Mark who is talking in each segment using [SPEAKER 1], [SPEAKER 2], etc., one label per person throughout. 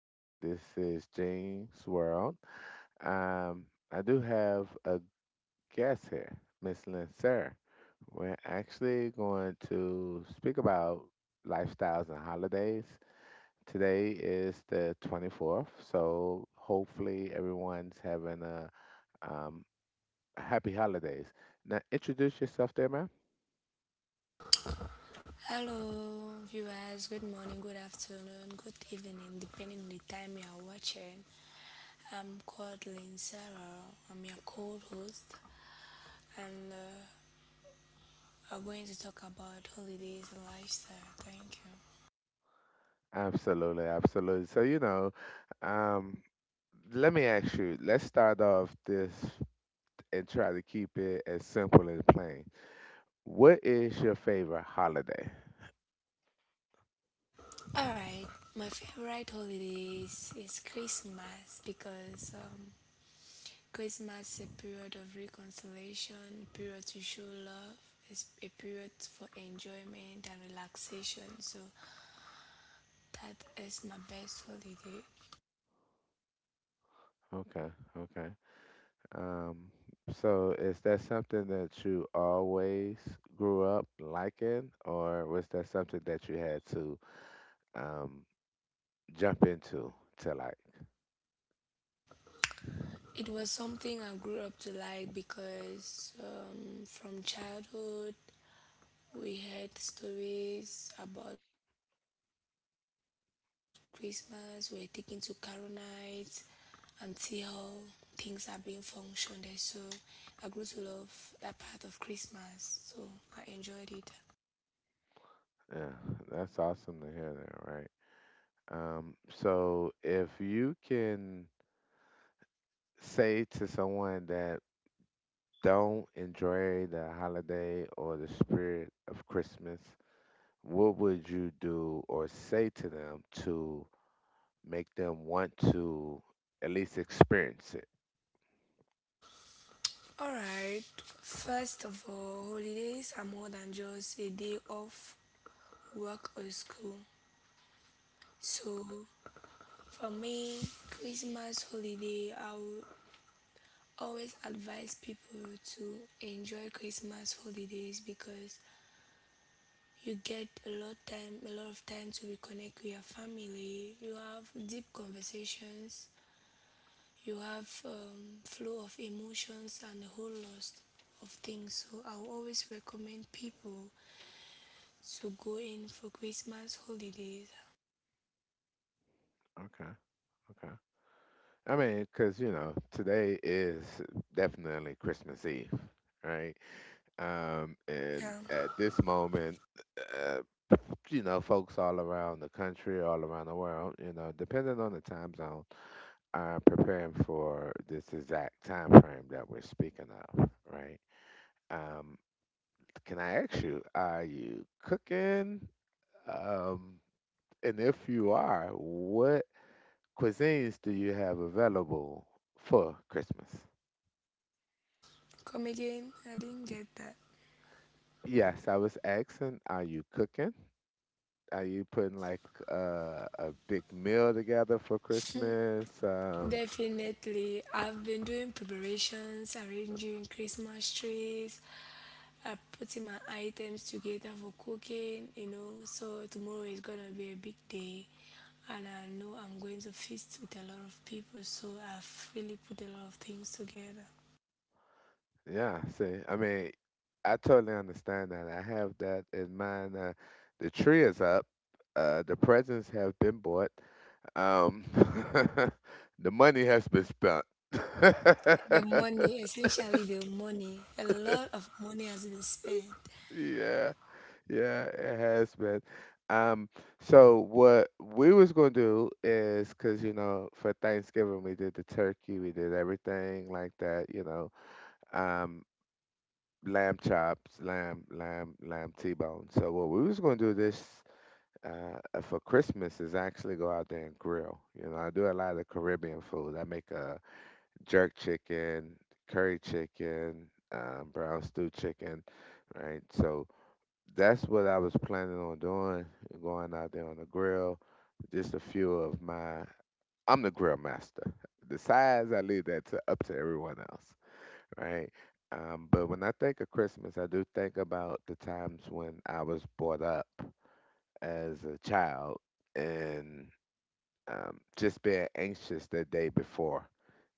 [SPEAKER 1] in. This is James World. Um, I do have a guest here, Miss Lindsay. We're actually going to speak about lifestyles and holidays. Today is the 24th, so hopefully everyone's having a um, happy holidays. Now, introduce yourself there, ma'am. Absolutely, absolutely. So, you know, um, let me ask you, let's start off this and try to keep it as simple and plain. What is your favorite holiday? Okay, okay. Um, so is that something that you always grew up liking, or was that something that you had to um, jump into to like? Yeah, that's awesome to hear that, right? So if you can say to someone that don't enjoy the holiday or the spirit of Christmas, what would you do or say to them to make them want to at least experience it? Okay, okay. I mean, because, you know, today is definitely Christmas Eve, right? And at this moment, uh, you know, folks all around the country, all around the world, you know, depending on the time zone preparing for this exact time frame that we're speaking of, right? Um, can I ask you, are you cooking? Um, and if you are, what cuisines do you have available for Christmas? Yes, I was asking, are you cooking? Are you putting like a big meal together for Christmas? Yeah, see, I mean, I totally understand that. I have that in mind. The tree is up. The presents have been bought. Um, the money has been spent. Yeah, yeah, it has been. Um, so what we was gonna do is, because you know, for Thanksgiving we did the turkey, we did everything like that, you know, um, lamb chops, lamb T-bone. So what we was gonna do this for Christmas is actually go out there and grill. You know, I do a lot of Caribbean food. I make jerk chicken, curry chicken, brown stew chicken, right? So that's what I was planning on doing, going out there on the grill. Just a few of my, I'm the grill master. The size, I leave that to up to everyone else, right? But when I think of Christmas, I do think about the times when I was brought up as a child and just being anxious the day before,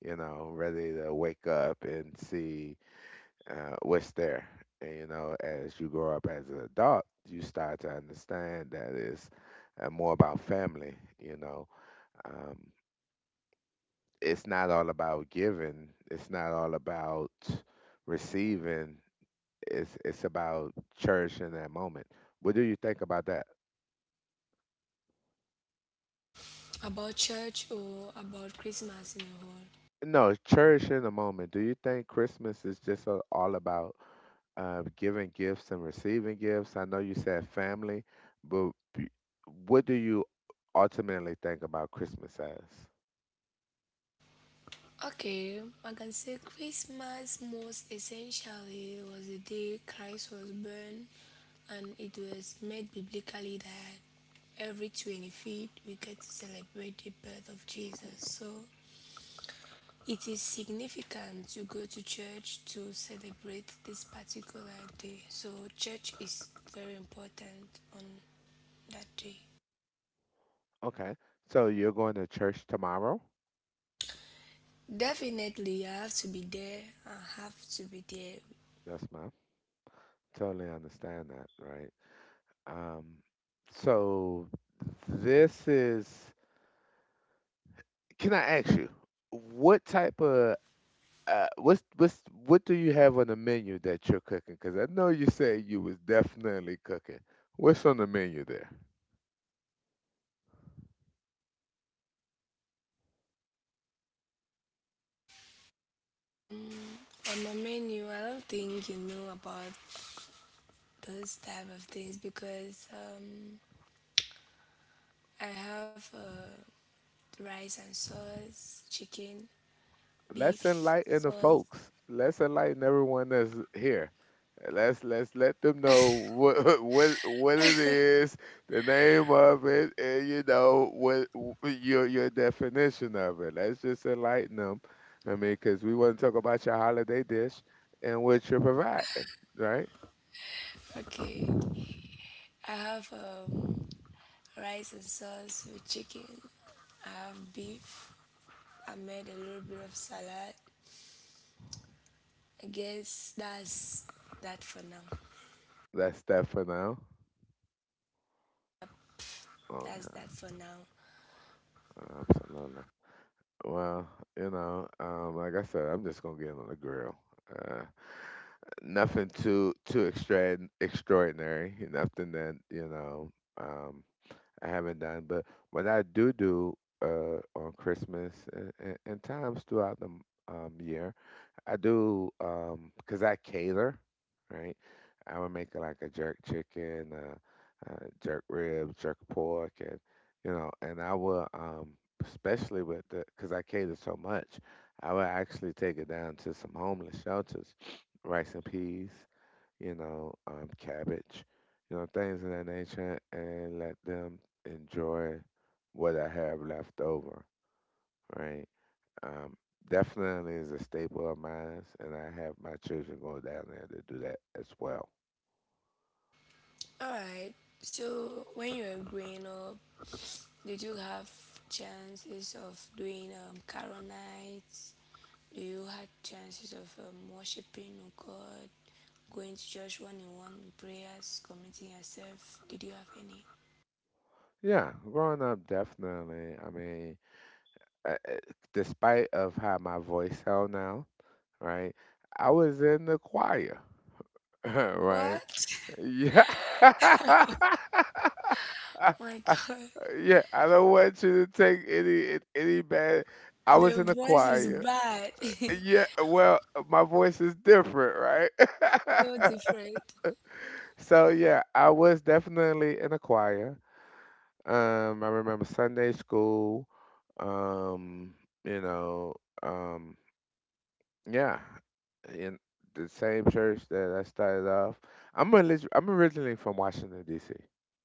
[SPEAKER 1] you know, ready to wake up and see what's there. And, you know, as you grow up as an adult, you start to understand that it's more about family, you know. Um, it's not all about giving, it's not all about receiving, it's about cherishing that moment. What do you think about that? No, cherishing the moment. Do you think Christmas is just all about giving gifts and receiving gifts? I know you said family, but what do you ultimately think about Christmas as? Okay, so you're going to church tomorrow? Yes, ma'am. Totally understand that, right? Um, so this is, can I ask you, what type of what's what do you have on the menu that you're cooking? Cause I know you said you was definitely cooking. What's on the menu there? Let's enlighten the folks. Let's enlighten everyone that's here. Let's let them know what what it is, the name of it, and you know what your definition of it. Let's just enlighten them. I mean, because we want to talk about your holiday dish and what you're providing, right? That's that for now. Okay. Absolutely. Well, you know, like I said, I'm just gonna get on the grill. Uh, Nothing too extra extraordinary. Nothing that you know um, I haven't done. But what I do do on Christmas and times throughout the year I do cause I cater, right? I would make like a jerk chicken, jerk ribs, jerk pork, and you know, and I will, especially with the, because I cater so much, I would actually take it down to some homeless shelters, rice and peas, you know, cabbage, you know, things of that nature, and let them enjoy what I have left over, right? Um, Definitely is a staple of mine, and I have my children go down there to do that as well. Yeah, growing up, definitely. I mean, uh, uh, despite of how my voice sound now, right? I was in the choir, right? Yeah. I- I- yeah, I don't want you to take any bad. I was in the choir. Yeah, well, my voice is different, right? So yeah, I was definitely in a choir. I remember Sunday school. Um, you know, um, yeah, in the same church that I started off. I'm originally from Washington D.C.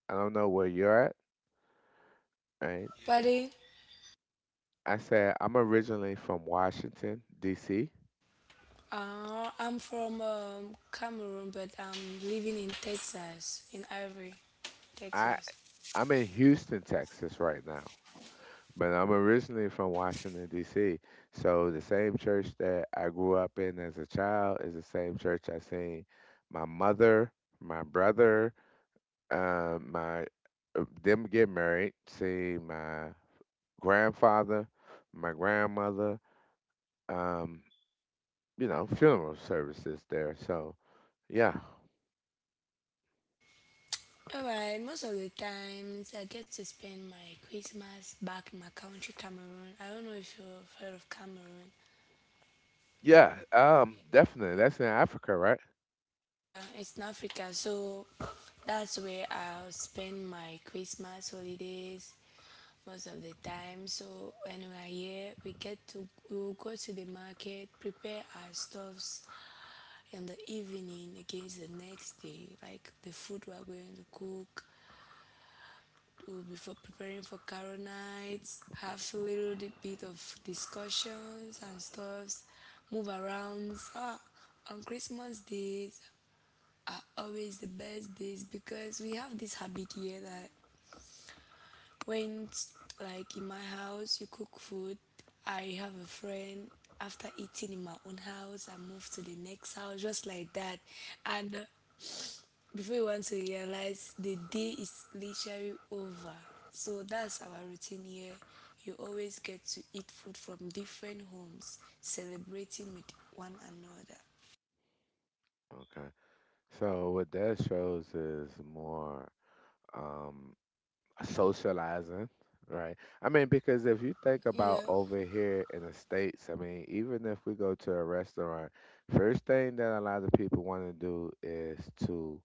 [SPEAKER 1] I don't know where you're at, right? I said I'm originally from Washington D.C. I I'm in Houston, Texas right now. But I'm originally from Washington, D.C. So the same church that I grew up in as a child is the same church I seen my mother, my brother, my them get married, see my grandfather, my grandmother, um, you know, funeral services there. So yeah, yeah, definitely. That's in Africa, right? Okay. So what that shows is more. Um, Socializing, right? I mean, because if you think about over here in the States, I mean, even if we go to a restaurant, first thing that a lot of people want to do is to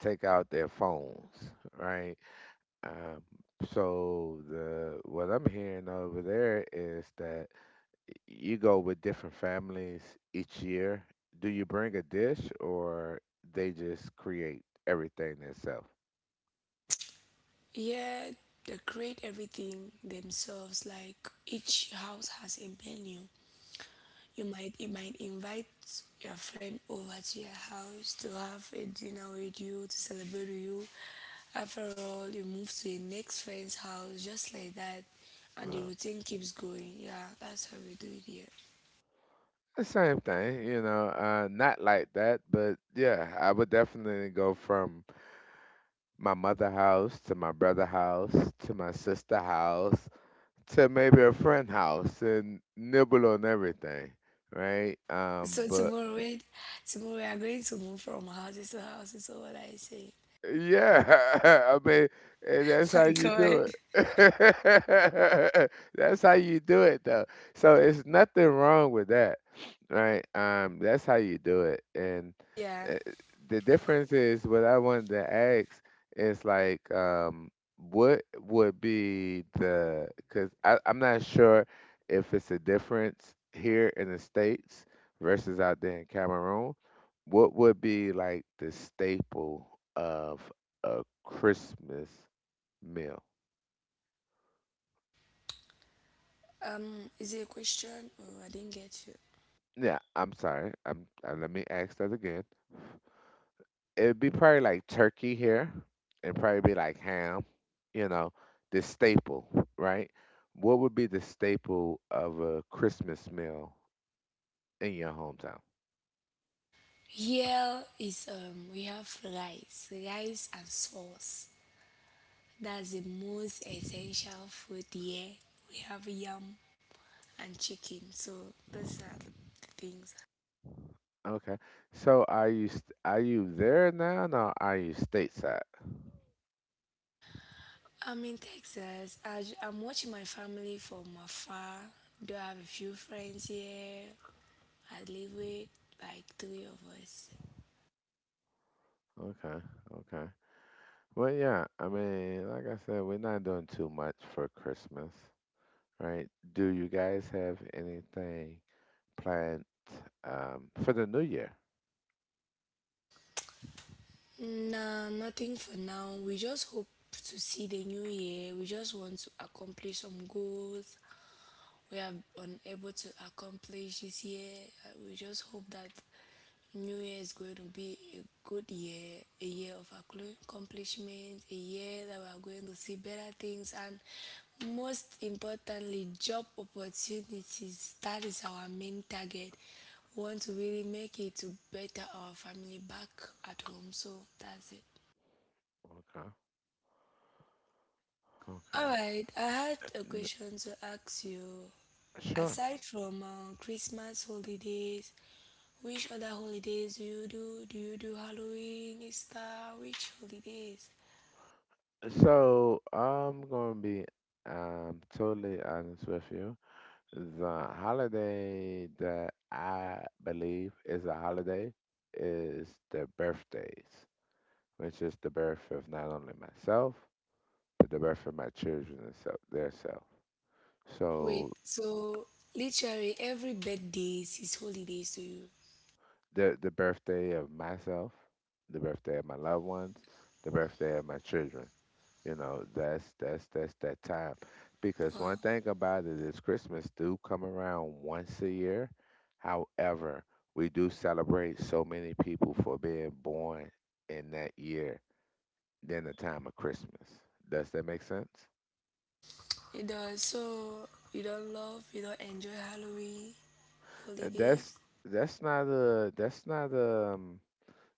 [SPEAKER 1] take out their phones, right? Um, so the what I'm hearing over there is that you go with different families each year. Do you bring a dish or they just create everything themselves? Uh, The same thing, you know, not like that, but yeah, I would definitely go from my mother house to my brother house to my sister house to maybe a friend house and nibble on everything, right? But Yeah, I mean, and that's how you do it. That's how you do it, though. So it's nothing wrong with that, right? That's how you do it. And uh, the difference is what I wanted to ask is like, what would be the? Because I'm not sure if it's a difference here in the States versus out there in Cameroon what would be like the staple of a Christmas meal? Yeah, I'm sorry. I'm let me ask that again. It'd be probably like turkey here, and probably be like ham. You know, the staple, right? What would be the staple of a Christmas meal in your hometown? Okay. So are you there now, or are you stateside? Okay. Okay. Well, yeah, I mean, like I said, we're not doing too much for Christmas, right? Do you guys have anything planned for the new year? Okay, okay. N- sure. So I'm gonna be totally honest with you. The holiday that I believe is a holiday is the birthdays, which is the birth of not only myself, but the birth of my children and so their self. So the birthday of myself, the birthday of my loved ones, the birthday of my children. You know, that's that time. Because one thing about it is Christmas do come around once a year. However, we do celebrate so many people for being born in that year than the time of Christmas. Does that make sense? And that's not a that's not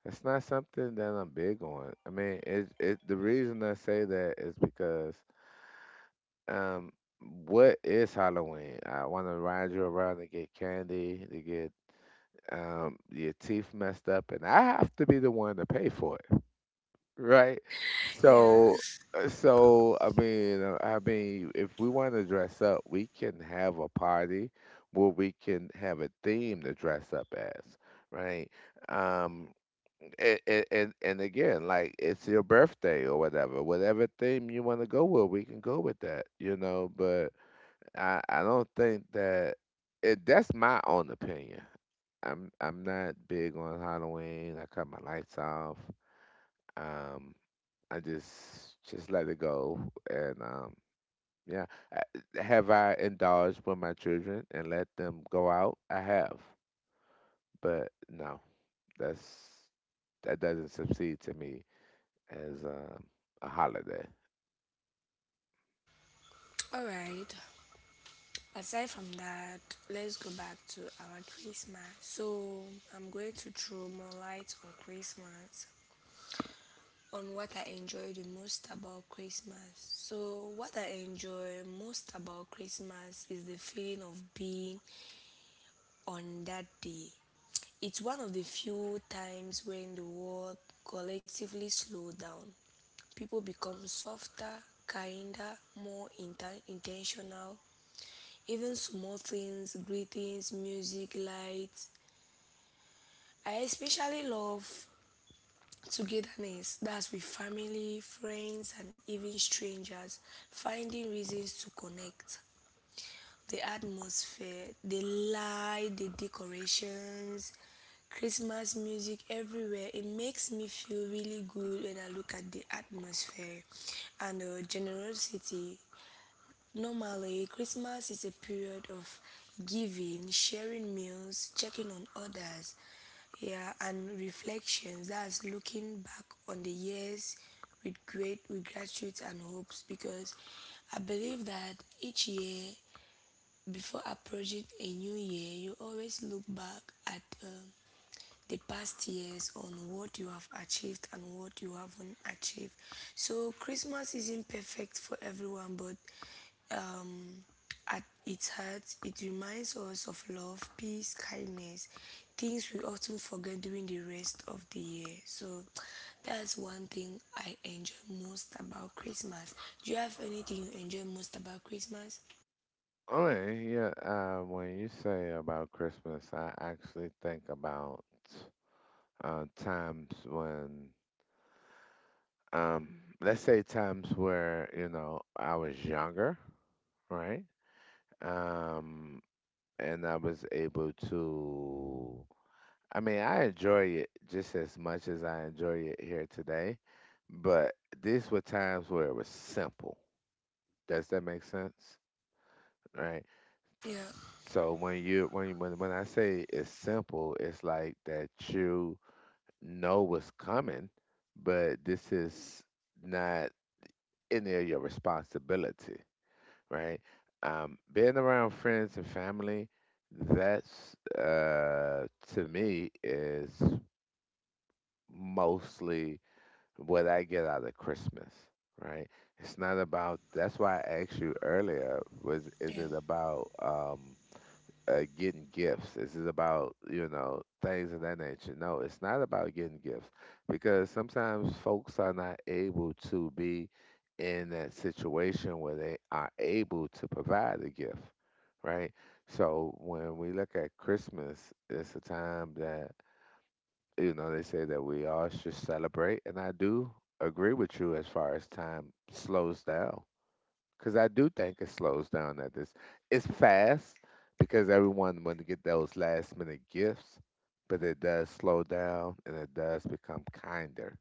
[SPEAKER 1] it's not something that I'm big on. I mean, it the reason I say that is because um what is Halloween? I want to ride you around and get candy, to get your teeth messed up and I have to be the one to pay for it, right? So I mean, if we want to dress up, we can have a party where we can have a theme to dress up as, right? Um and again, like it's your birthday or whatever, whatever theme you want to go with, we can go with that, you know. But I don't think that it, that's my own opinion. I'm not big on Halloween. I cut my lights off. Um, I just let it go. And yeah, I, have I indulged with my children and let them go out? I have, but no, that's that doesn't succeed to me as a holiday. All right, yeah. When you say about Christmas, I actually think about times when, um, let's say times where, you know, I was younger, right? Um, and I was able to, I mean, I enjoy it just as much as I enjoy it here today, but these were times where it was simple. Does that make sense? Right? So when you when I say it's simple, it's like that you know what's coming, but this is not any of your responsibility, right? Being around friends and family, that's to me is mostly what I get out of Christmas, right? It's not about. That's why I asked you earlier. Was is it about? Getting gifts. This is about, things of that nature. No, it's not about getting gifts because sometimes folks are not able to be in that situation where they are able to provide a gift, right? So when we look at Christmas, it's a time that, they say that we all should celebrate. And I do agree with you as far as time slows down because I do think it slows down at this. It's fast because everyone want to get those last minute gifts, but it does slow down and it does become kinder.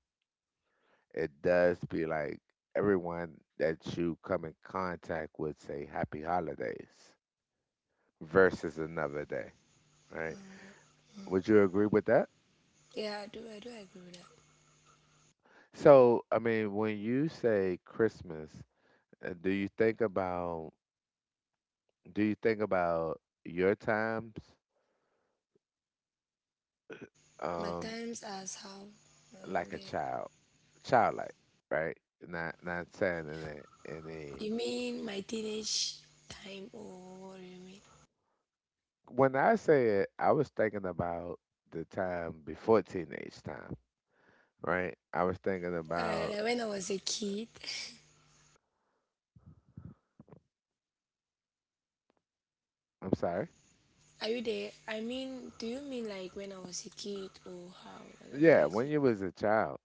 [SPEAKER 1] It does be like everyone that you come in contact with say happy holidays versus another day, right? Would you agree with that? So, I mean, when you say Christmas, do you think about do you think about your times? Um, like a child, childlike, right? Not saying in a. When I say it, I was thinking about the time before teenage time, right? I was thinking about. I'm sorry. Yeah, when you was a child,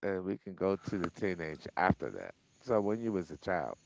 [SPEAKER 1] and we can go to the teenage after that. So when you was a child,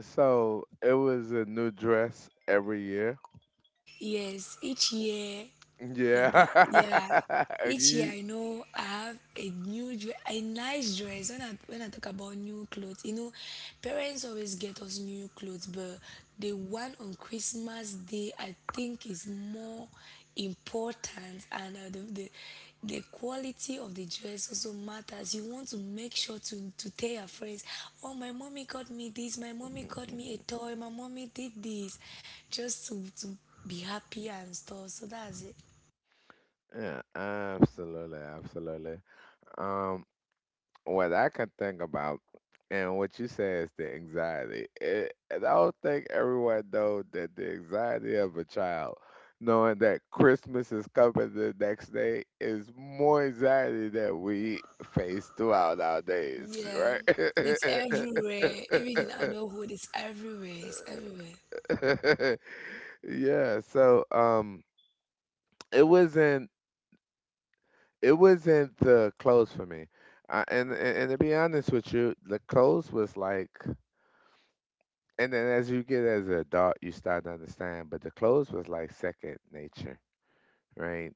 [SPEAKER 1] so it was a new dress every year. Yeah, you. Yeah, absolutely, absolutely. Um, what I can think about and what you say is the anxiety. It, and I don't think everyone knows that the anxiety of a child knowing that Christmas is coming the next day is more anxiety that we face throughout our days, right? Yeah, so it wasn't it wasn't the clothes for me. I, and to be honest with you, the clothes was like. And then as you get as an adult, you start to understand. But the clothes was like second nature, right?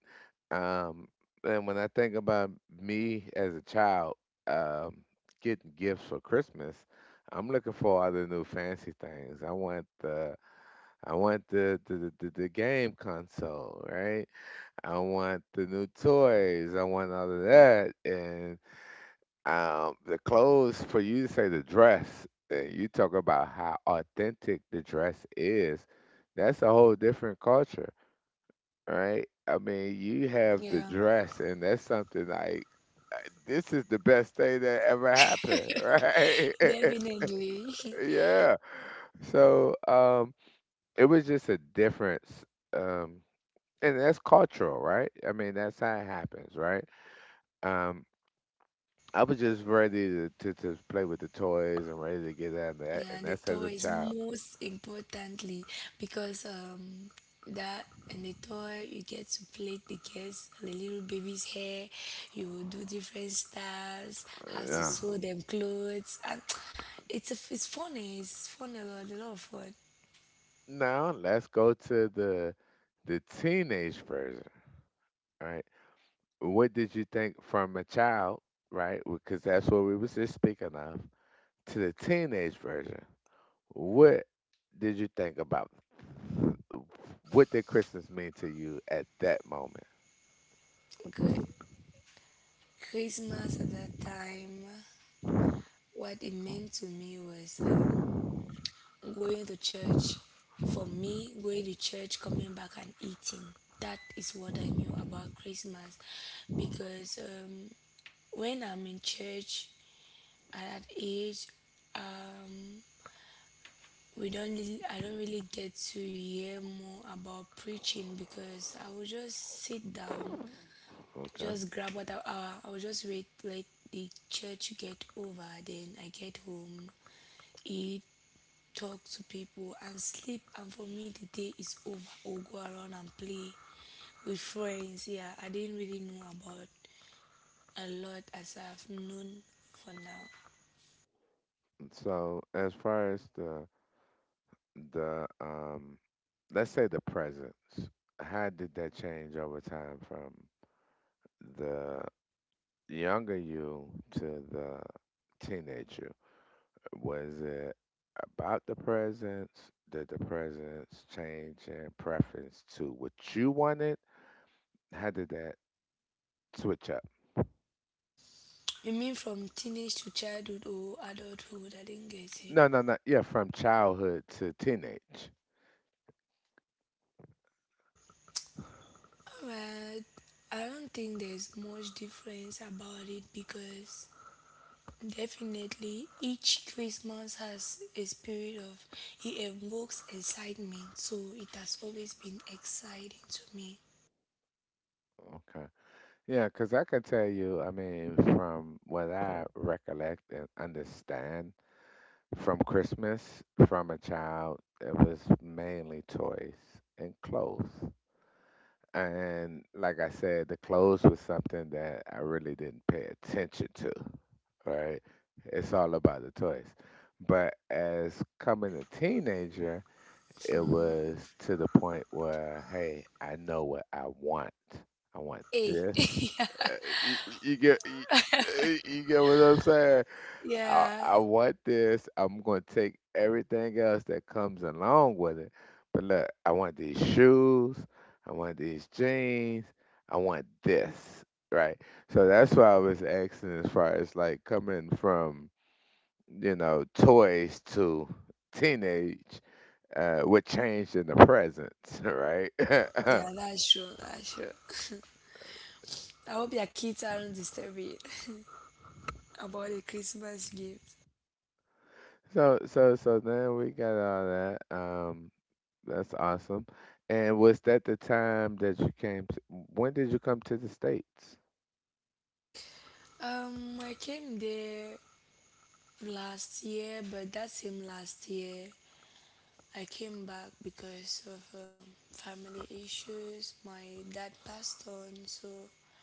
[SPEAKER 1] Um, and when I think about me as a child, um, getting gifts for Christmas, I'm looking for other new fancy things. I want the game console, right? I want the new toys. I want all of that. And the clothes for you to say the dress, and you talk about how authentic the dress is. That's a whole different culture, right? I mean, you have the dress, and that's something like uh, this is the best thing that ever happened, right? Yeah. So it was just a difference, um, and that's cultural, right? I mean, that's how it happens, right? Um, I was just ready to, play with the toys and ready to get out of that, and that's as a child. Yeah. Now let's go to the teenage version, right? What did you think from a child, right? Because that's what we was just speaking of. To the teenage version, what did you think about? What did Christmas mean to you at that moment? Okay. So as far as the let's say the presence, how did that change over time from the younger you to the teenage you? Was it about the presence? Did the presence change in preference to what you wanted? How did that switch up? No, yeah, from childhood to teenage. Okay. Yeah, because I can tell you, I mean, from what I recollect and understand. From Christmas, from a child, it was mainly toys and clothes. And like I said, the clothes was something that I really didn't pay attention to, right? It's all about the toys. But as coming a teenager, it was to the point where, hey, I know what I want. I want this. Uh, you, you get you, you get what I'm saying? I want this. I'm gonna take everything else that comes along with it. But look, I want these shoes. I want these jeans. I want this, right? So that's why I was asking as far as like coming from, toys to teenage, what changed in the present, right? So then we got all that. That's awesome. And was that the time that you came to, when did you come to the States?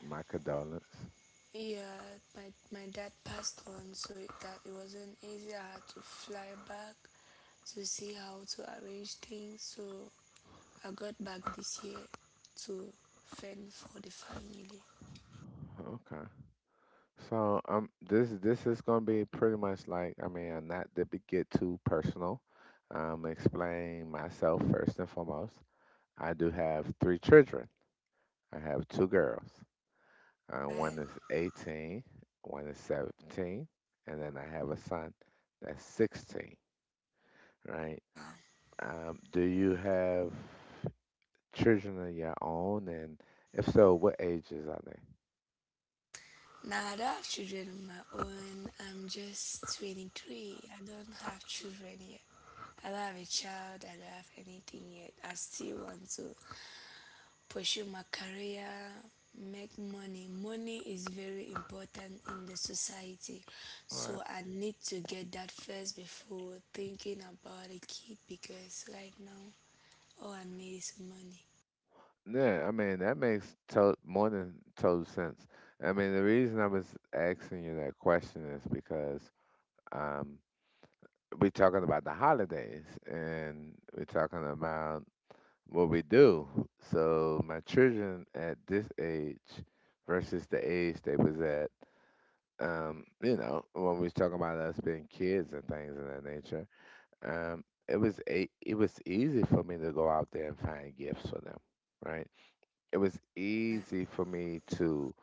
[SPEAKER 1] My condolence. Okay. So this is gonna be pretty much like, I mean, not to be, get too personal. Explain myself first and foremost. I do have three children. I have two girls. One is 18, one is 17, and then I have a son that's 16, right? Do you have children of your own? And if so, what ages are they? Right. Yeah, I mean, that makes to more than total sense. I mean, the reason I was asking you that question is because um, we're talking about the holidays and we're talking about what we do. So my children at this age versus the age they was at, you know, when we was talking about us being kids and things of that nature. It was a, it was easy for me to go out there and find gifts for them, right? It was easy for me to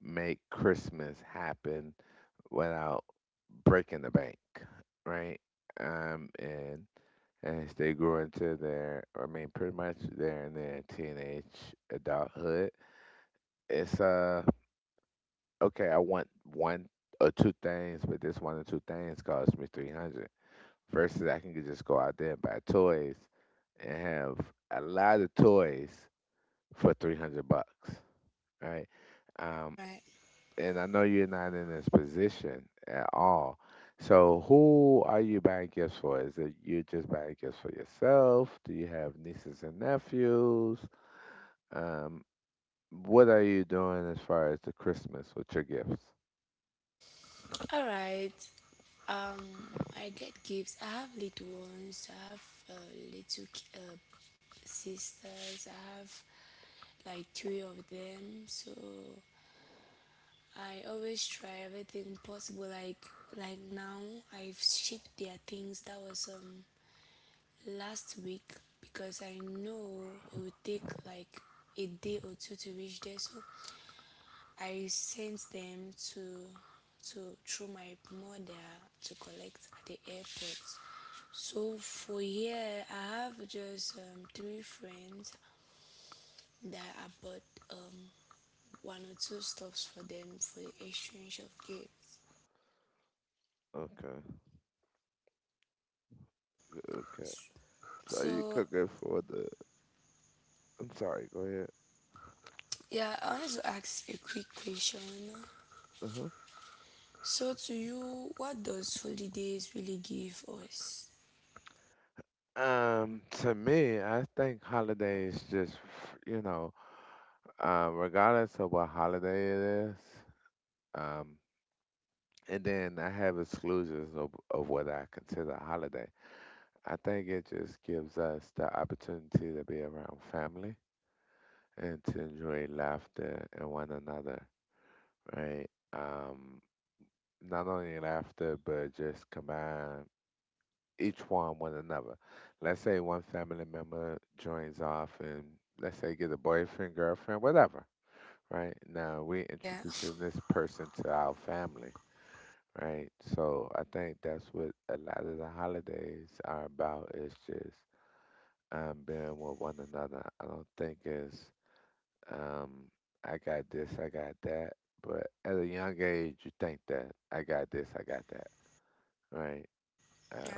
[SPEAKER 1] make Christmas happen without breaking the bank, right? And as they grow into their, I mean, pretty much they're in their teenage adulthood. It's okay. I want one or two things, but this one or two things cost me 300. Versus I can just go out there and buy toys and have a lot of toys for 300 bucks, right? Um, and I know you're not in this position at all. So who are you buying gifts for? Is it you just buying gifts for yourself? Do you have nieces and nephews? Um, what are you doing as far as the Christmas with your gifts? Okay, okay. So you cooking for the? I'm sorry. Go ahead. To me, I think holidays just, you know, regardless of what holiday it is, um, and then I have exclusions of what I consider a holiday. I think it just gives us the opportunity to be around family and to enjoy laughter and one another, right? Not only laughter, but just command. Each one with another. Let's say one family member joins off and let's say get a boyfriend, girlfriend, whatever, right? Now we're introducing this person to our family, right? So I think that's what a lot of the holidays are about is just being with one another. I don't think it's um, I got this, I got that. But at a young age, you think that I got this, I got that, right? Um,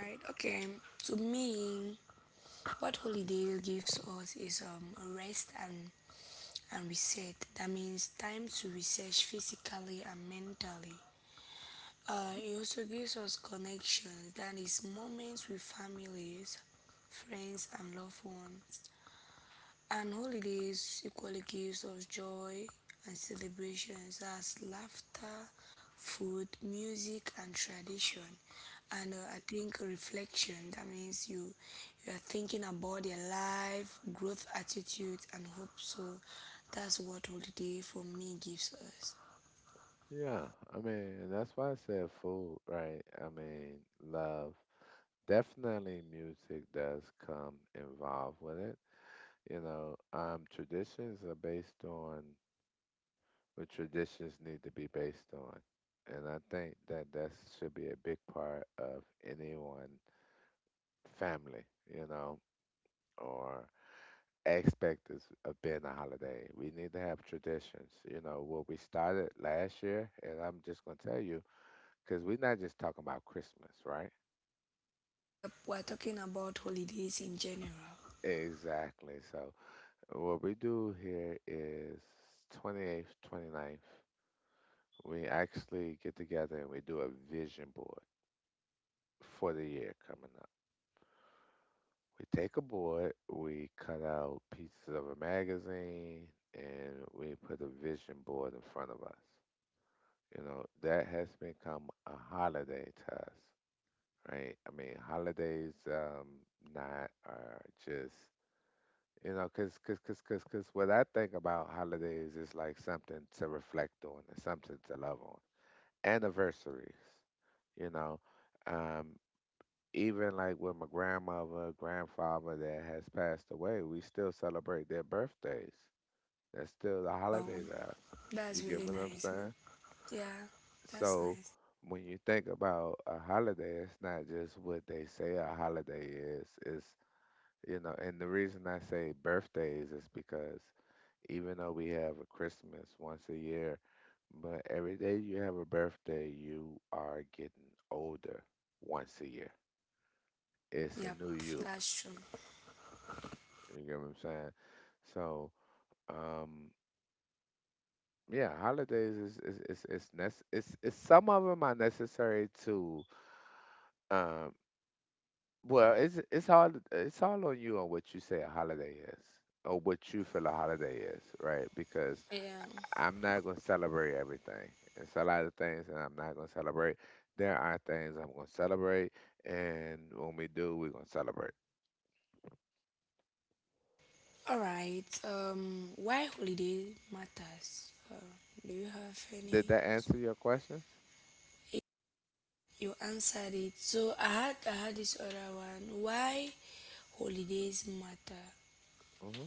[SPEAKER 1] Yeah, I mean, that's why I said food, right? I mean, love. Definitely music does come involved with it. You know, traditions are based on what traditions need to be based on. And I think that that should be a big part of anyone family, you know, or expectance of being a holiday. We need to have traditions. You know, what we started last year, and I'm just going to tell you, because we're not just talking about Christmas, right? Exactly. So what we do here is 28th, 29th, we actually get together and we do a vision board for the year coming up. We take a board, we cut out pieces of a magazine, and we put a vision board in front of us. You know, that has become a holiday to us, right? I mean, holidays not are just. You know, cause what I think about holidays is like something to reflect on and something to love on. Anniversaries, you know, um, even like with my grandmother, grandfather that has passed away, we still celebrate their birthdays. That's still a holiday to us. You get what I'm saying? So when you think about a holiday, it's not just what they say a holiday is. It's, you know, and the reason I say birthdays is because even though we have a Christmas once a year, but every day you have a birthday, you are getting older once a year. It's a new you. You get what I'm saying? So, um, yeah, holidays is some of them are necessary to um well, it's it's all on you on what you say a holiday is or what you feel a holiday is, right? Because I'm not gonna celebrate everything. It's a lot of things that I'm not gonna celebrate. There are things I'm gonna celebrate, and when we do, we're gonna celebrate. Did that answer your questions? Hmm.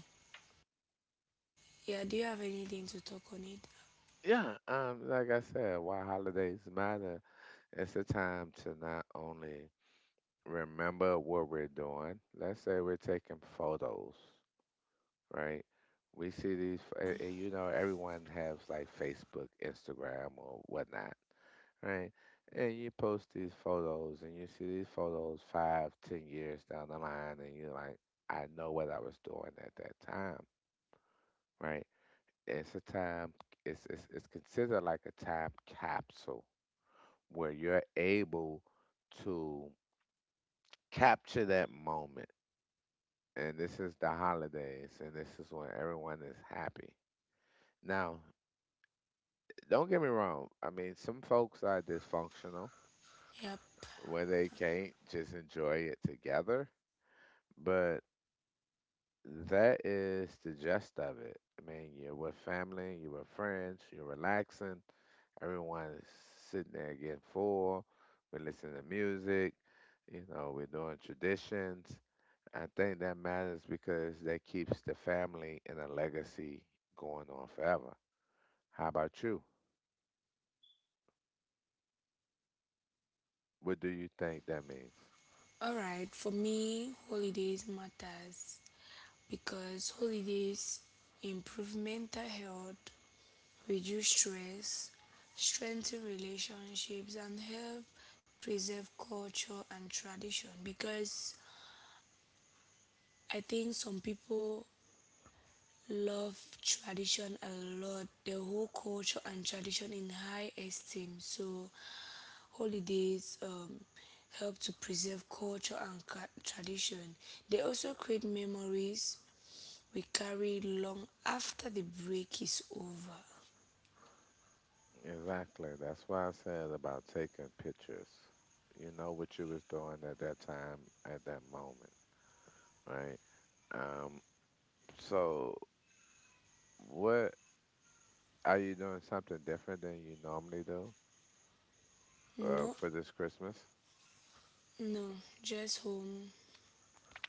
[SPEAKER 1] Yeah. Like I said, why holidays matter. It's a time to not only remember what we're doing. Let's say we're taking photos, right? We see these, and you know, everyone has like Facebook, Instagram, or whatnot. Right. And you post these photos and you see these photos five, 10 years down the line and you're like, I know what I was doing at that time, right? It's a time it's considered like a time capsule where you're able to capture that moment. And this is the holidays, and this is when everyone is happy. Now, don't get me wrong, I mean, some folks are dysfunctional where they can't just enjoy it together, but that is the gist of it. I mean, you're with family, you're with friends, you're relaxing. Everyone's sitting there getting full. We're listening to music. You know, we're doing traditions. I think that matters because that keeps the family and the legacy going on forever. How about you? What do you think that means? Exactly. That's why I said about taking pictures. You know what you was doing at that time, at that moment, right? Um, So, what, are you doing something different than you normally do, for this Christmas?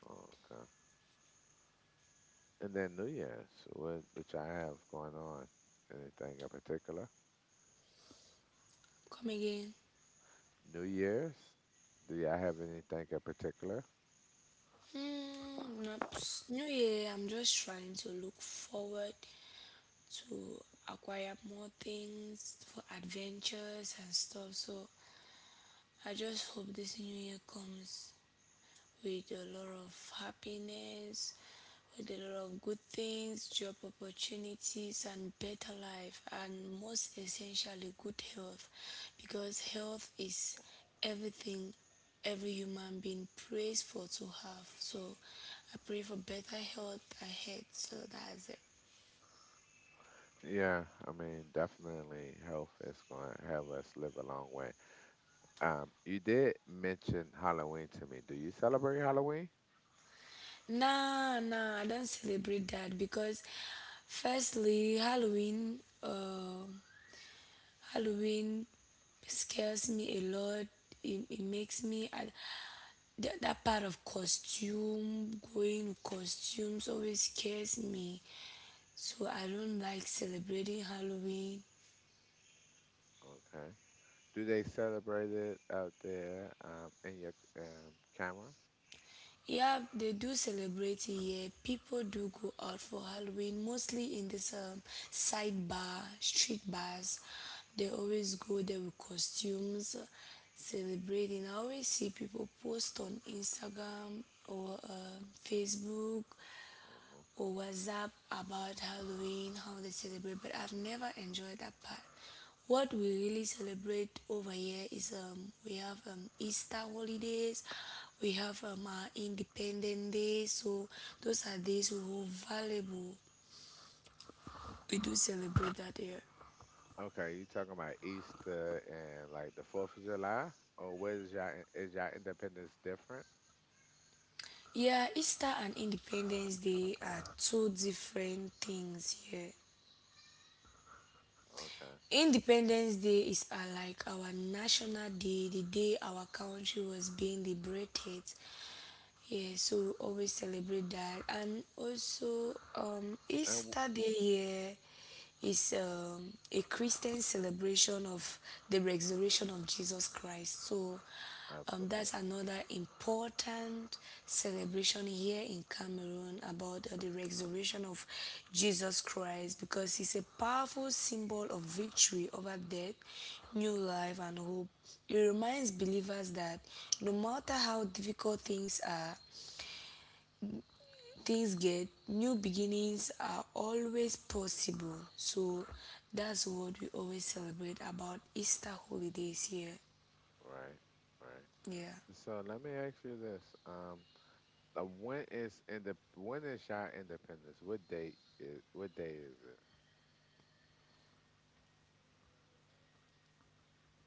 [SPEAKER 1] Oh, okay. And then New Year's, what, which I have going on? Anything in particular? New Year's? Do y'all have anything in particular? Yeah, I mean, definitely health is going to have us live a long way. You did mention Halloween to me. Do you celebrate Halloween? Okay. Do they celebrate it out there, in your camera? Okay, you talking about Easter and like the Fourth of July, or where's y'all is y'all independence different? Okay, and w- absolutely, right, right. So let me ask you this: when is y'all independence? What day is it?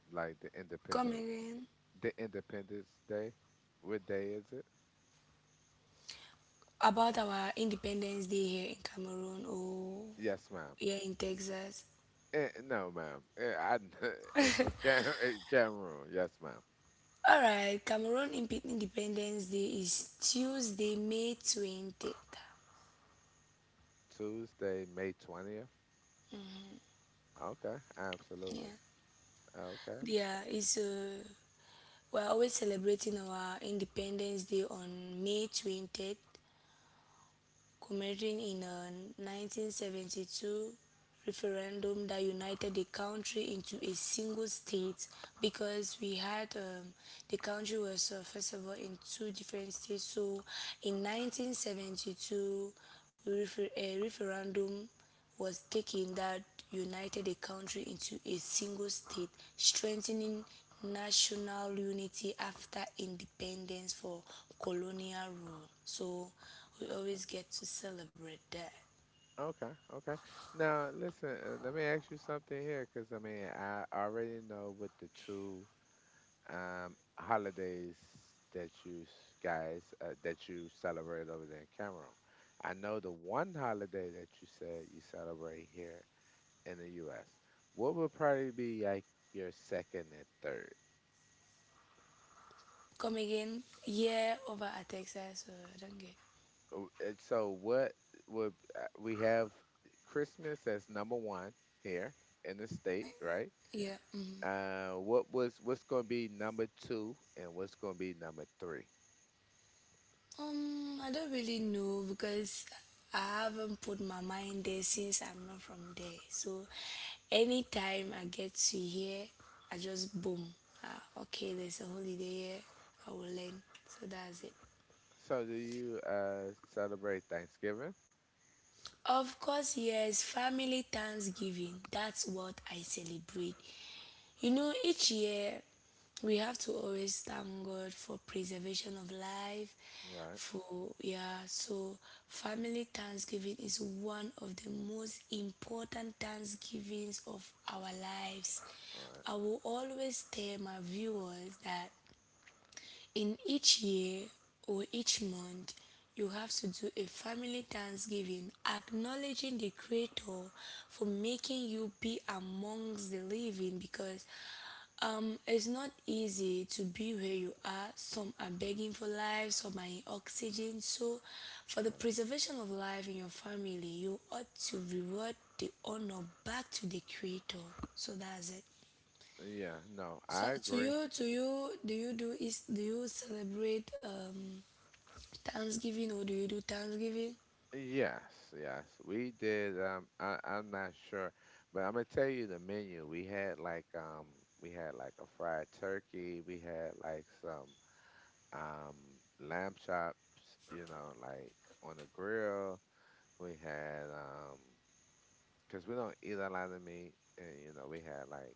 [SPEAKER 1] Like the Independence Day. What day is it? Yes, ma'am. Eh, no, ma'am. Eh, I in, in Cameroon. Yes, ma'am. Tuesday, May 20th. Okay, absolutely. Okay, okay, okay. Now, listen, let me ask you something here, because I mean, I already know with the two holidays that you celebrate over there in Cameroon. I know the one holiday that you said you celebrate here in the U.S. What would probably be like your second and third? Oh, and So what would we have Christmas as number one here in the state, right? What's going to be number two, and what's going to be number three? So do you celebrate Thanksgiving? Right, right, right. Yeah, no, I agree. Yes, yes, we did. I'm not sure, but I'm gonna tell you the menu. We had like, we had like a fried turkey. We had like some, um, lamb chops, you know, like on the grill. We had, 'cause we don't eat a lot of meat, and you know, we had like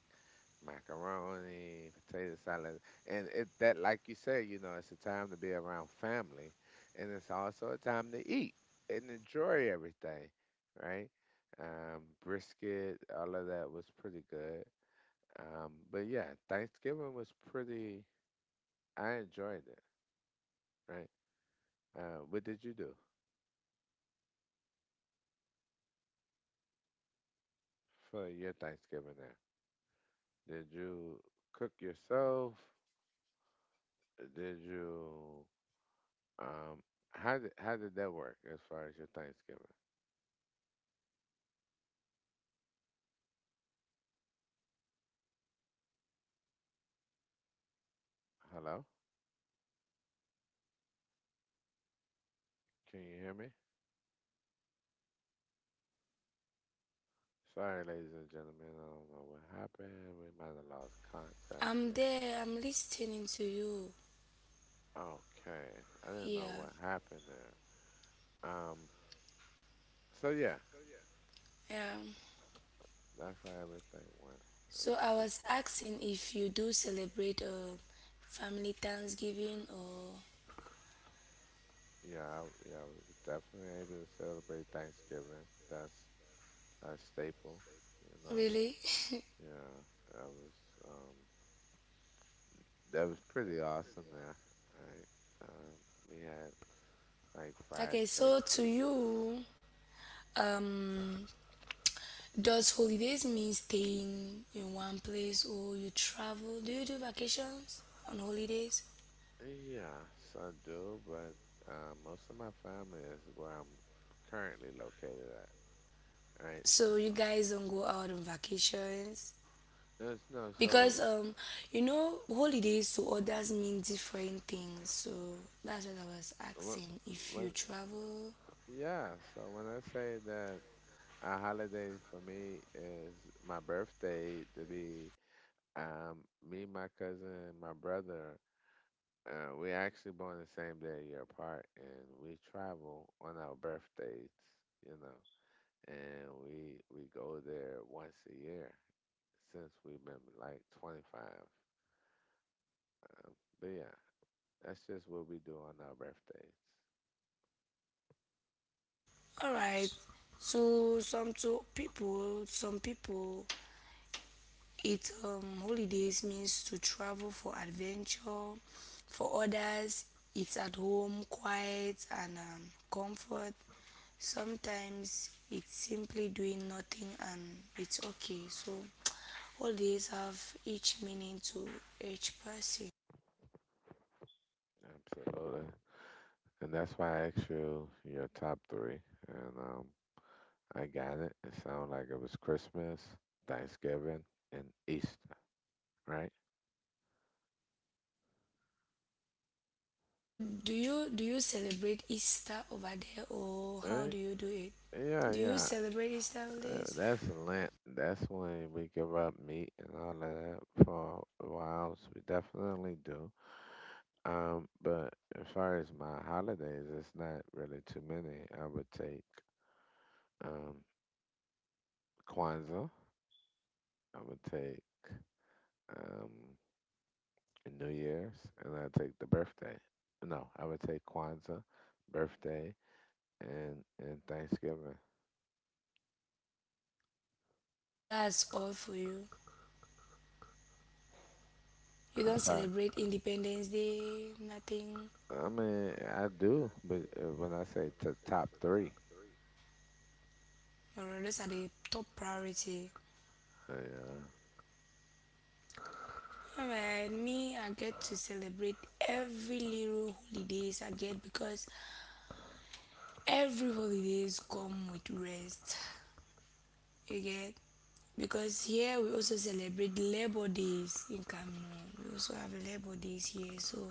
[SPEAKER 1] macaroni, potato salad, and it that like you said, you know, it's a time to be around family, and it's also a time to eat and enjoy everything, right? Brisket, all of that was pretty good. But yeah, Thanksgiving was pretty. I enjoyed it, right? What did you do for your Thanksgiving there? Did you cook yourself? Did you um how did that work as far as your Thanksgiving? Hello? Can you hear me? Sorry, ladies and gentlemen, I don't know what happened. We might have lost contact there.
[SPEAKER 2] I'm there. I'm listening to you.
[SPEAKER 1] Okay. I didn't know what
[SPEAKER 2] Yeah.
[SPEAKER 1] happened there. Um so yeah,
[SPEAKER 2] Um,
[SPEAKER 1] that's how everything went. It was
[SPEAKER 2] so I
[SPEAKER 1] pretty
[SPEAKER 2] was
[SPEAKER 1] good.
[SPEAKER 2] asking if you do celebrate family Thanksgiving or
[SPEAKER 1] Yeah, I, yeah, we was definitely able to celebrate Thanksgiving. That's a staple, you know.
[SPEAKER 2] really?
[SPEAKER 1] Yeah, that was, um that was pretty awesome there. Right. We had like fried
[SPEAKER 2] Okay. So
[SPEAKER 1] turkey.
[SPEAKER 2] to you, um, does holidays mean staying in one place or you travel? Do you do vacations on holidays?
[SPEAKER 1] Yes, I do, but most of my family is where I'm currently located at. Right.
[SPEAKER 2] So you guys don't go out on vacations?
[SPEAKER 1] There's no so
[SPEAKER 2] Because you know holidays to others mean different things, so that's what I was
[SPEAKER 1] when,
[SPEAKER 2] asking
[SPEAKER 1] when
[SPEAKER 2] if you travel.
[SPEAKER 1] yeah, so when I say that a holiday for me is my birthday to be, um me, my cousin, my brother. We actually born the same day, a year apart, and we travel on our birthdays, you know, and we go there once a year since we've been like 25. But yeah, that's just what we do on our birthdays.
[SPEAKER 2] All right, to people it holidays means to travel for adventure, for others it's at home, quiet and comfort. Sometimes it's simply doing nothing and it's okay. So all these have each meaning to each person.
[SPEAKER 1] Absolutely, and that's why I asked you your top three, and I got it. It sounded like it was Christmas, Thanksgiving, and Easter, right?
[SPEAKER 2] Do you celebrate Easter over there, or
[SPEAKER 1] Uh,
[SPEAKER 2] how do you do it?
[SPEAKER 1] yeah,
[SPEAKER 2] Do
[SPEAKER 1] yeah.
[SPEAKER 2] you celebrate Easter holidays?
[SPEAKER 1] That's Lent. That's when we give up meat and all of that for a while. So we definitely do. But as far as my holidays, it's not really too many. I would take, um, Kwanzaa. I would take, um, New Year's, and I take the birthday. No, I would take Kwanzaa, birthday, and Thanksgiving.
[SPEAKER 2] That's all for you.
[SPEAKER 1] I'm
[SPEAKER 2] You don't
[SPEAKER 1] sorry.
[SPEAKER 2] celebrate Independence Day, nothing.
[SPEAKER 1] I mean, I do, but when I say to top three,
[SPEAKER 2] Or those are the top priority.
[SPEAKER 1] yeah.
[SPEAKER 2] Alright, me I get to celebrate every little holidays I get because every holidays come with rest. You get? Because here we also celebrate Labor Days in Cameroon. We also have Labor Days here. So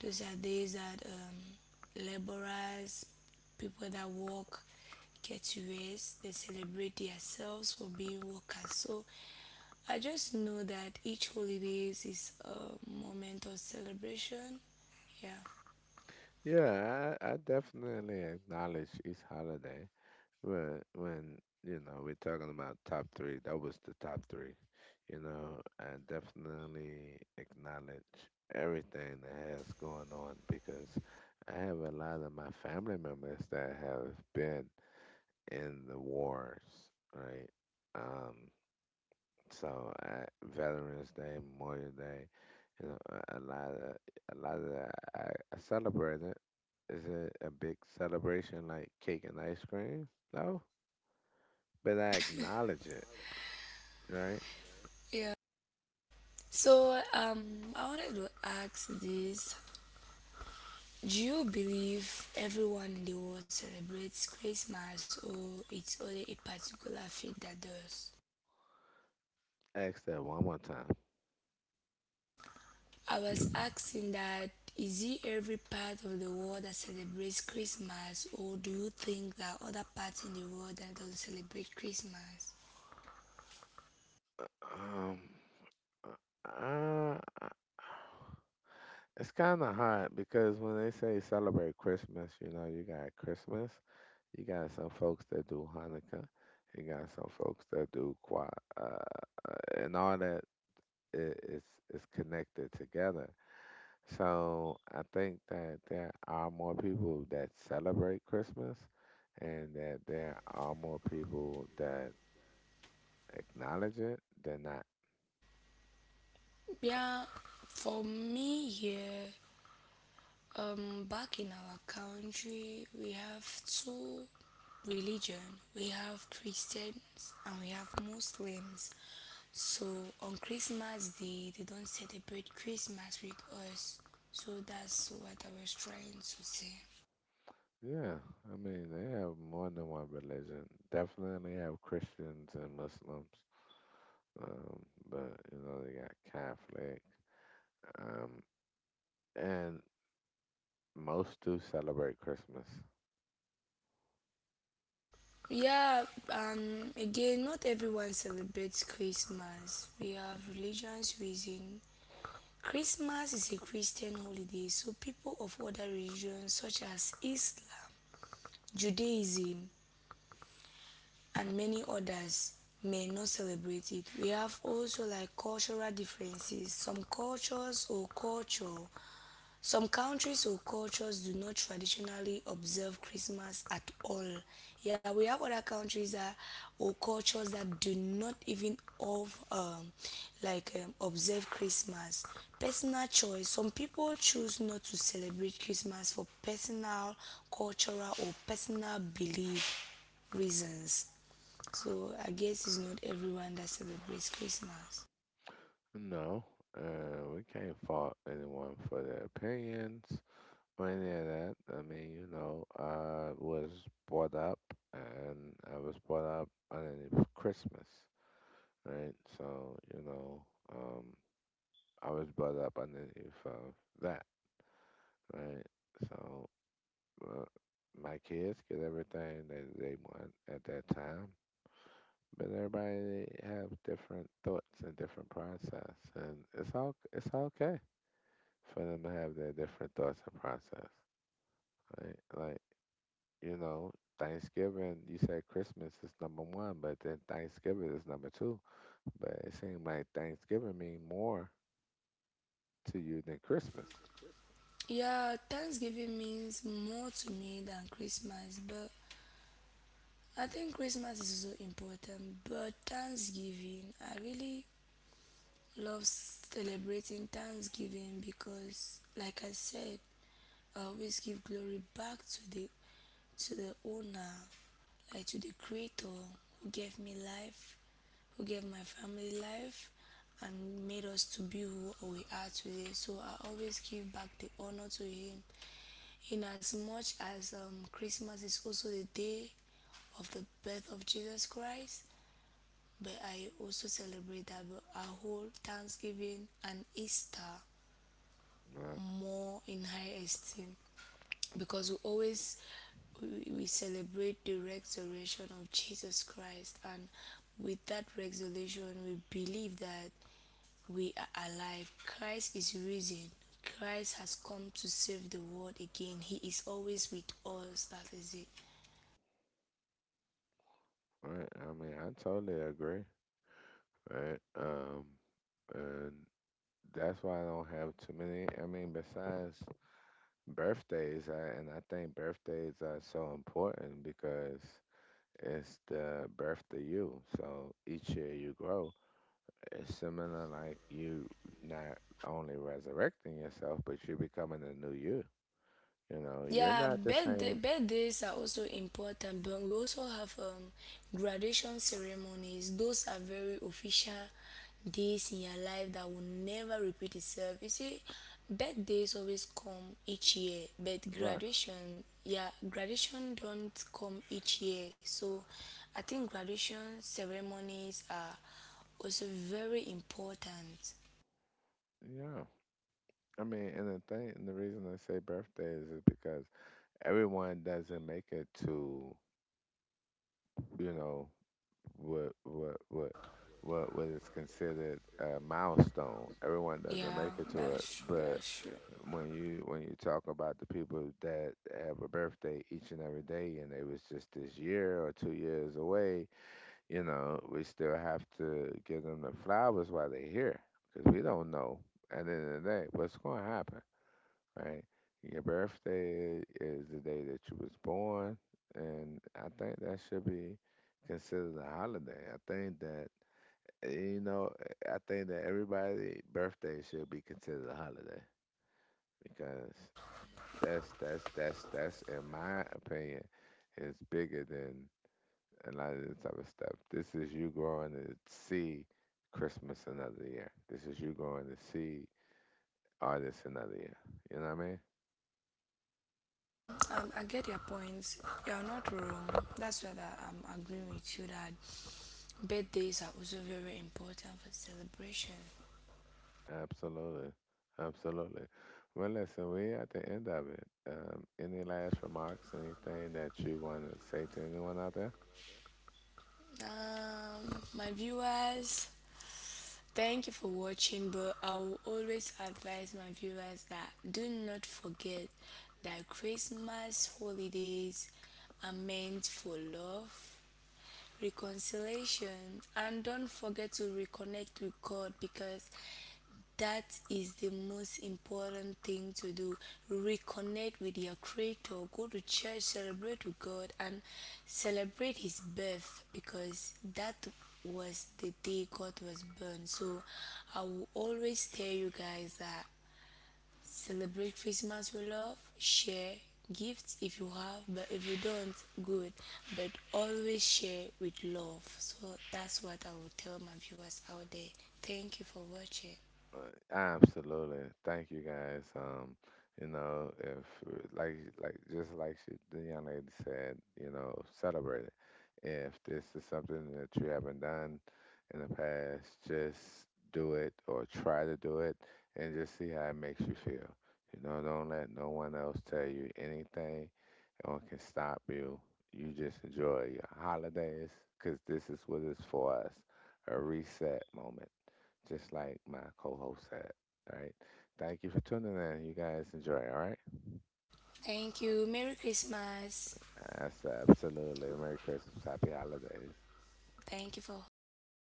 [SPEAKER 2] those are days that laborers, people that work, get to rest. They celebrate themselves for being workers. So I just know that each holidays is a moment of celebration. Yeah.
[SPEAKER 1] Yeah, I definitely acknowledge East Holiday when you know we're talking about top three. That was the top three. You know, I definitely acknowledge everything that has going on because I have a lot of my family members that have been in the wars, right? Um. So uh, Veterans Day, Memorial Day, you know, a lot of a lot of that I, I celebrate it. Is it a big celebration like cake and ice cream? No, but I acknowledge it, right?
[SPEAKER 2] Yeah. So I wanted to ask this: do you believe everyone in the world celebrates Christmas, or it's only a particular faith that does?
[SPEAKER 1] Ask that one more time.
[SPEAKER 2] I was asking that, is it every part of the world that celebrates Christmas, or do you think that other parts in the world that don't celebrate Christmas?
[SPEAKER 1] Um, uh, uh, it's kind of hard because when they say celebrate Christmas, you know, you got Christmas, you got some folks that do Hanukkah, you got some folks that do Qua, uh, uh, and all that it's connected together. So I think that there are more people that celebrate Christmas, and that there are more people that acknowledge it than not.
[SPEAKER 2] Yeah, for me here, back in our country, we have two religion. We have Christians and we have Muslims. So on Christmas Day, they don't celebrate Christmas with us. So that's what I was trying to say.
[SPEAKER 1] Yeah, I mean they have more than one religion. Definitely have Christians and Muslims, um, but you know they got Catholic, um, and most do celebrate Christmas.
[SPEAKER 2] Yeah, again, not everyone celebrates Christmas. We have religions reason. Christmas is a Christian holiday, so people of other religions such as Islam, Judaism, and many others may not celebrate it. We have also like cultural differences. Some countries or cultures do not traditionally observe Christmas at all. Yeah, we have other countries that or cultures that do not even of like observe Christmas. Personal choice. Some people choose not to celebrate Christmas for personal, cultural, or personal belief reasons. So I guess it's not everyone that celebrates Christmas.
[SPEAKER 1] No, we can't fault anyone for their opinions. Well, yeah, that I mean, you know, I was brought up, and I was brought up underneath Christmas, right? So you know, um, I was brought up underneath of that, right? So, uh, my kids get everything that they want at that time, but everybody have different thoughts and different process, and it's okay for them to have their different thoughts and process, right? Like, you know, Thanksgiving, you said Christmas is number one, but then Thanksgiving is number two. But it seems like Thanksgiving mean more to you than Christmas.
[SPEAKER 2] Yeah, Thanksgiving means more to me than Christmas, but I think Christmas is so important, but Thanksgiving, I really love celebrating Thanksgiving because, like I said, I always give glory back to the owner, like to the creator, who gave me life, who gave my family life and made us to be who we are today. So I always give back the honor to him in as much as Christmas is also the day of the birth of Jesus Christ, but I also celebrate that, but I hold Thanksgiving and Easter
[SPEAKER 1] Right,
[SPEAKER 2] more in high esteem because we always we celebrate the resurrection of Jesus Christ, and with that resurrection we believe that we are alive. Christ is risen. Christ has come to save the world again. He is always with us. That is it.
[SPEAKER 1] right. I mean, I totally agree. Right. And that's why I don't have too many. I mean, besides birthdays, and I think birthdays are so important because it's the birth to you. So each year you grow. It's similar like you not only resurrecting yourself, but you're becoming a new you. You know, you're not
[SPEAKER 2] Yeah,
[SPEAKER 1] the same.
[SPEAKER 2] birthdays are also important, but we also have graduation ceremonies. Those are very official days in your life that will never repeat itself. You see, birthdays always come each year, but
[SPEAKER 1] Right.
[SPEAKER 2] graduation, yeah, graduation don't come each year. So I think graduation ceremonies are also very important.
[SPEAKER 1] Yeah. I mean, and the thing, and the reason I say birthdays is because everyone doesn't make it to, you know, what what what what is considered a milestone. Everyone doesn't make
[SPEAKER 2] Yeah,
[SPEAKER 1] it to it,
[SPEAKER 2] that's
[SPEAKER 1] but
[SPEAKER 2] true. That's true.
[SPEAKER 1] when you talk about the people that have a birthday each and every day and they was just this year or 2 years away, you know, we still have to give them the flowers while they're here because we don't know at the end of the day what's going to happen, right? Your birthday is the day that you was born, and I think that should be considered a holiday. I think that, you know, I think that everybody's birthday should be considered a holiday because that's, in my opinion, is bigger than and a lot of this type of stuff. This is you growing to see Christmas another year. This is you growing to see artists another year. You know what I mean?
[SPEAKER 2] I get your point. You're not wrong. That's why that I'm agreeing with you that birthdays are also very important for celebration.
[SPEAKER 1] Absolutely. Absolutely. Well, listen, we're at the end of it. Any last remarks? Anything that you want to say to anyone out there?
[SPEAKER 2] My viewers, thank you for watching, but I will always advise my viewers that do not forget that Christmas holidays are meant for love, reconciliation, and don't forget to reconnect with God, because that is the most important thing to do. Reconnect with your Creator, go to church, celebrate with God, and celebrate His birth because that was the day God was born. So I will always tell you guys that celebrate Christmas with love, share gifts if you have, but if you don't, good. But always share with love. So that's what I will tell my viewers out there. Thank you for watching.
[SPEAKER 1] Uh, Absolutely. Thank you guys. You know, if, just like she, the young lady said, you know, celebrate it. If this is something that you haven't done in the past, just do it or try to do it and just see how it makes you feel. You know, don't let no one else tell you anything or can stop you. You just enjoy your holidays because this is what it's for us, a reset moment just like my co-host said. All right. Thank you for tuning in. You guys enjoy. All right.
[SPEAKER 2] Thank you. Merry Christmas.
[SPEAKER 1] That's absolutely. Merry Christmas. Happy holidays.
[SPEAKER 2] Thank you for hosting.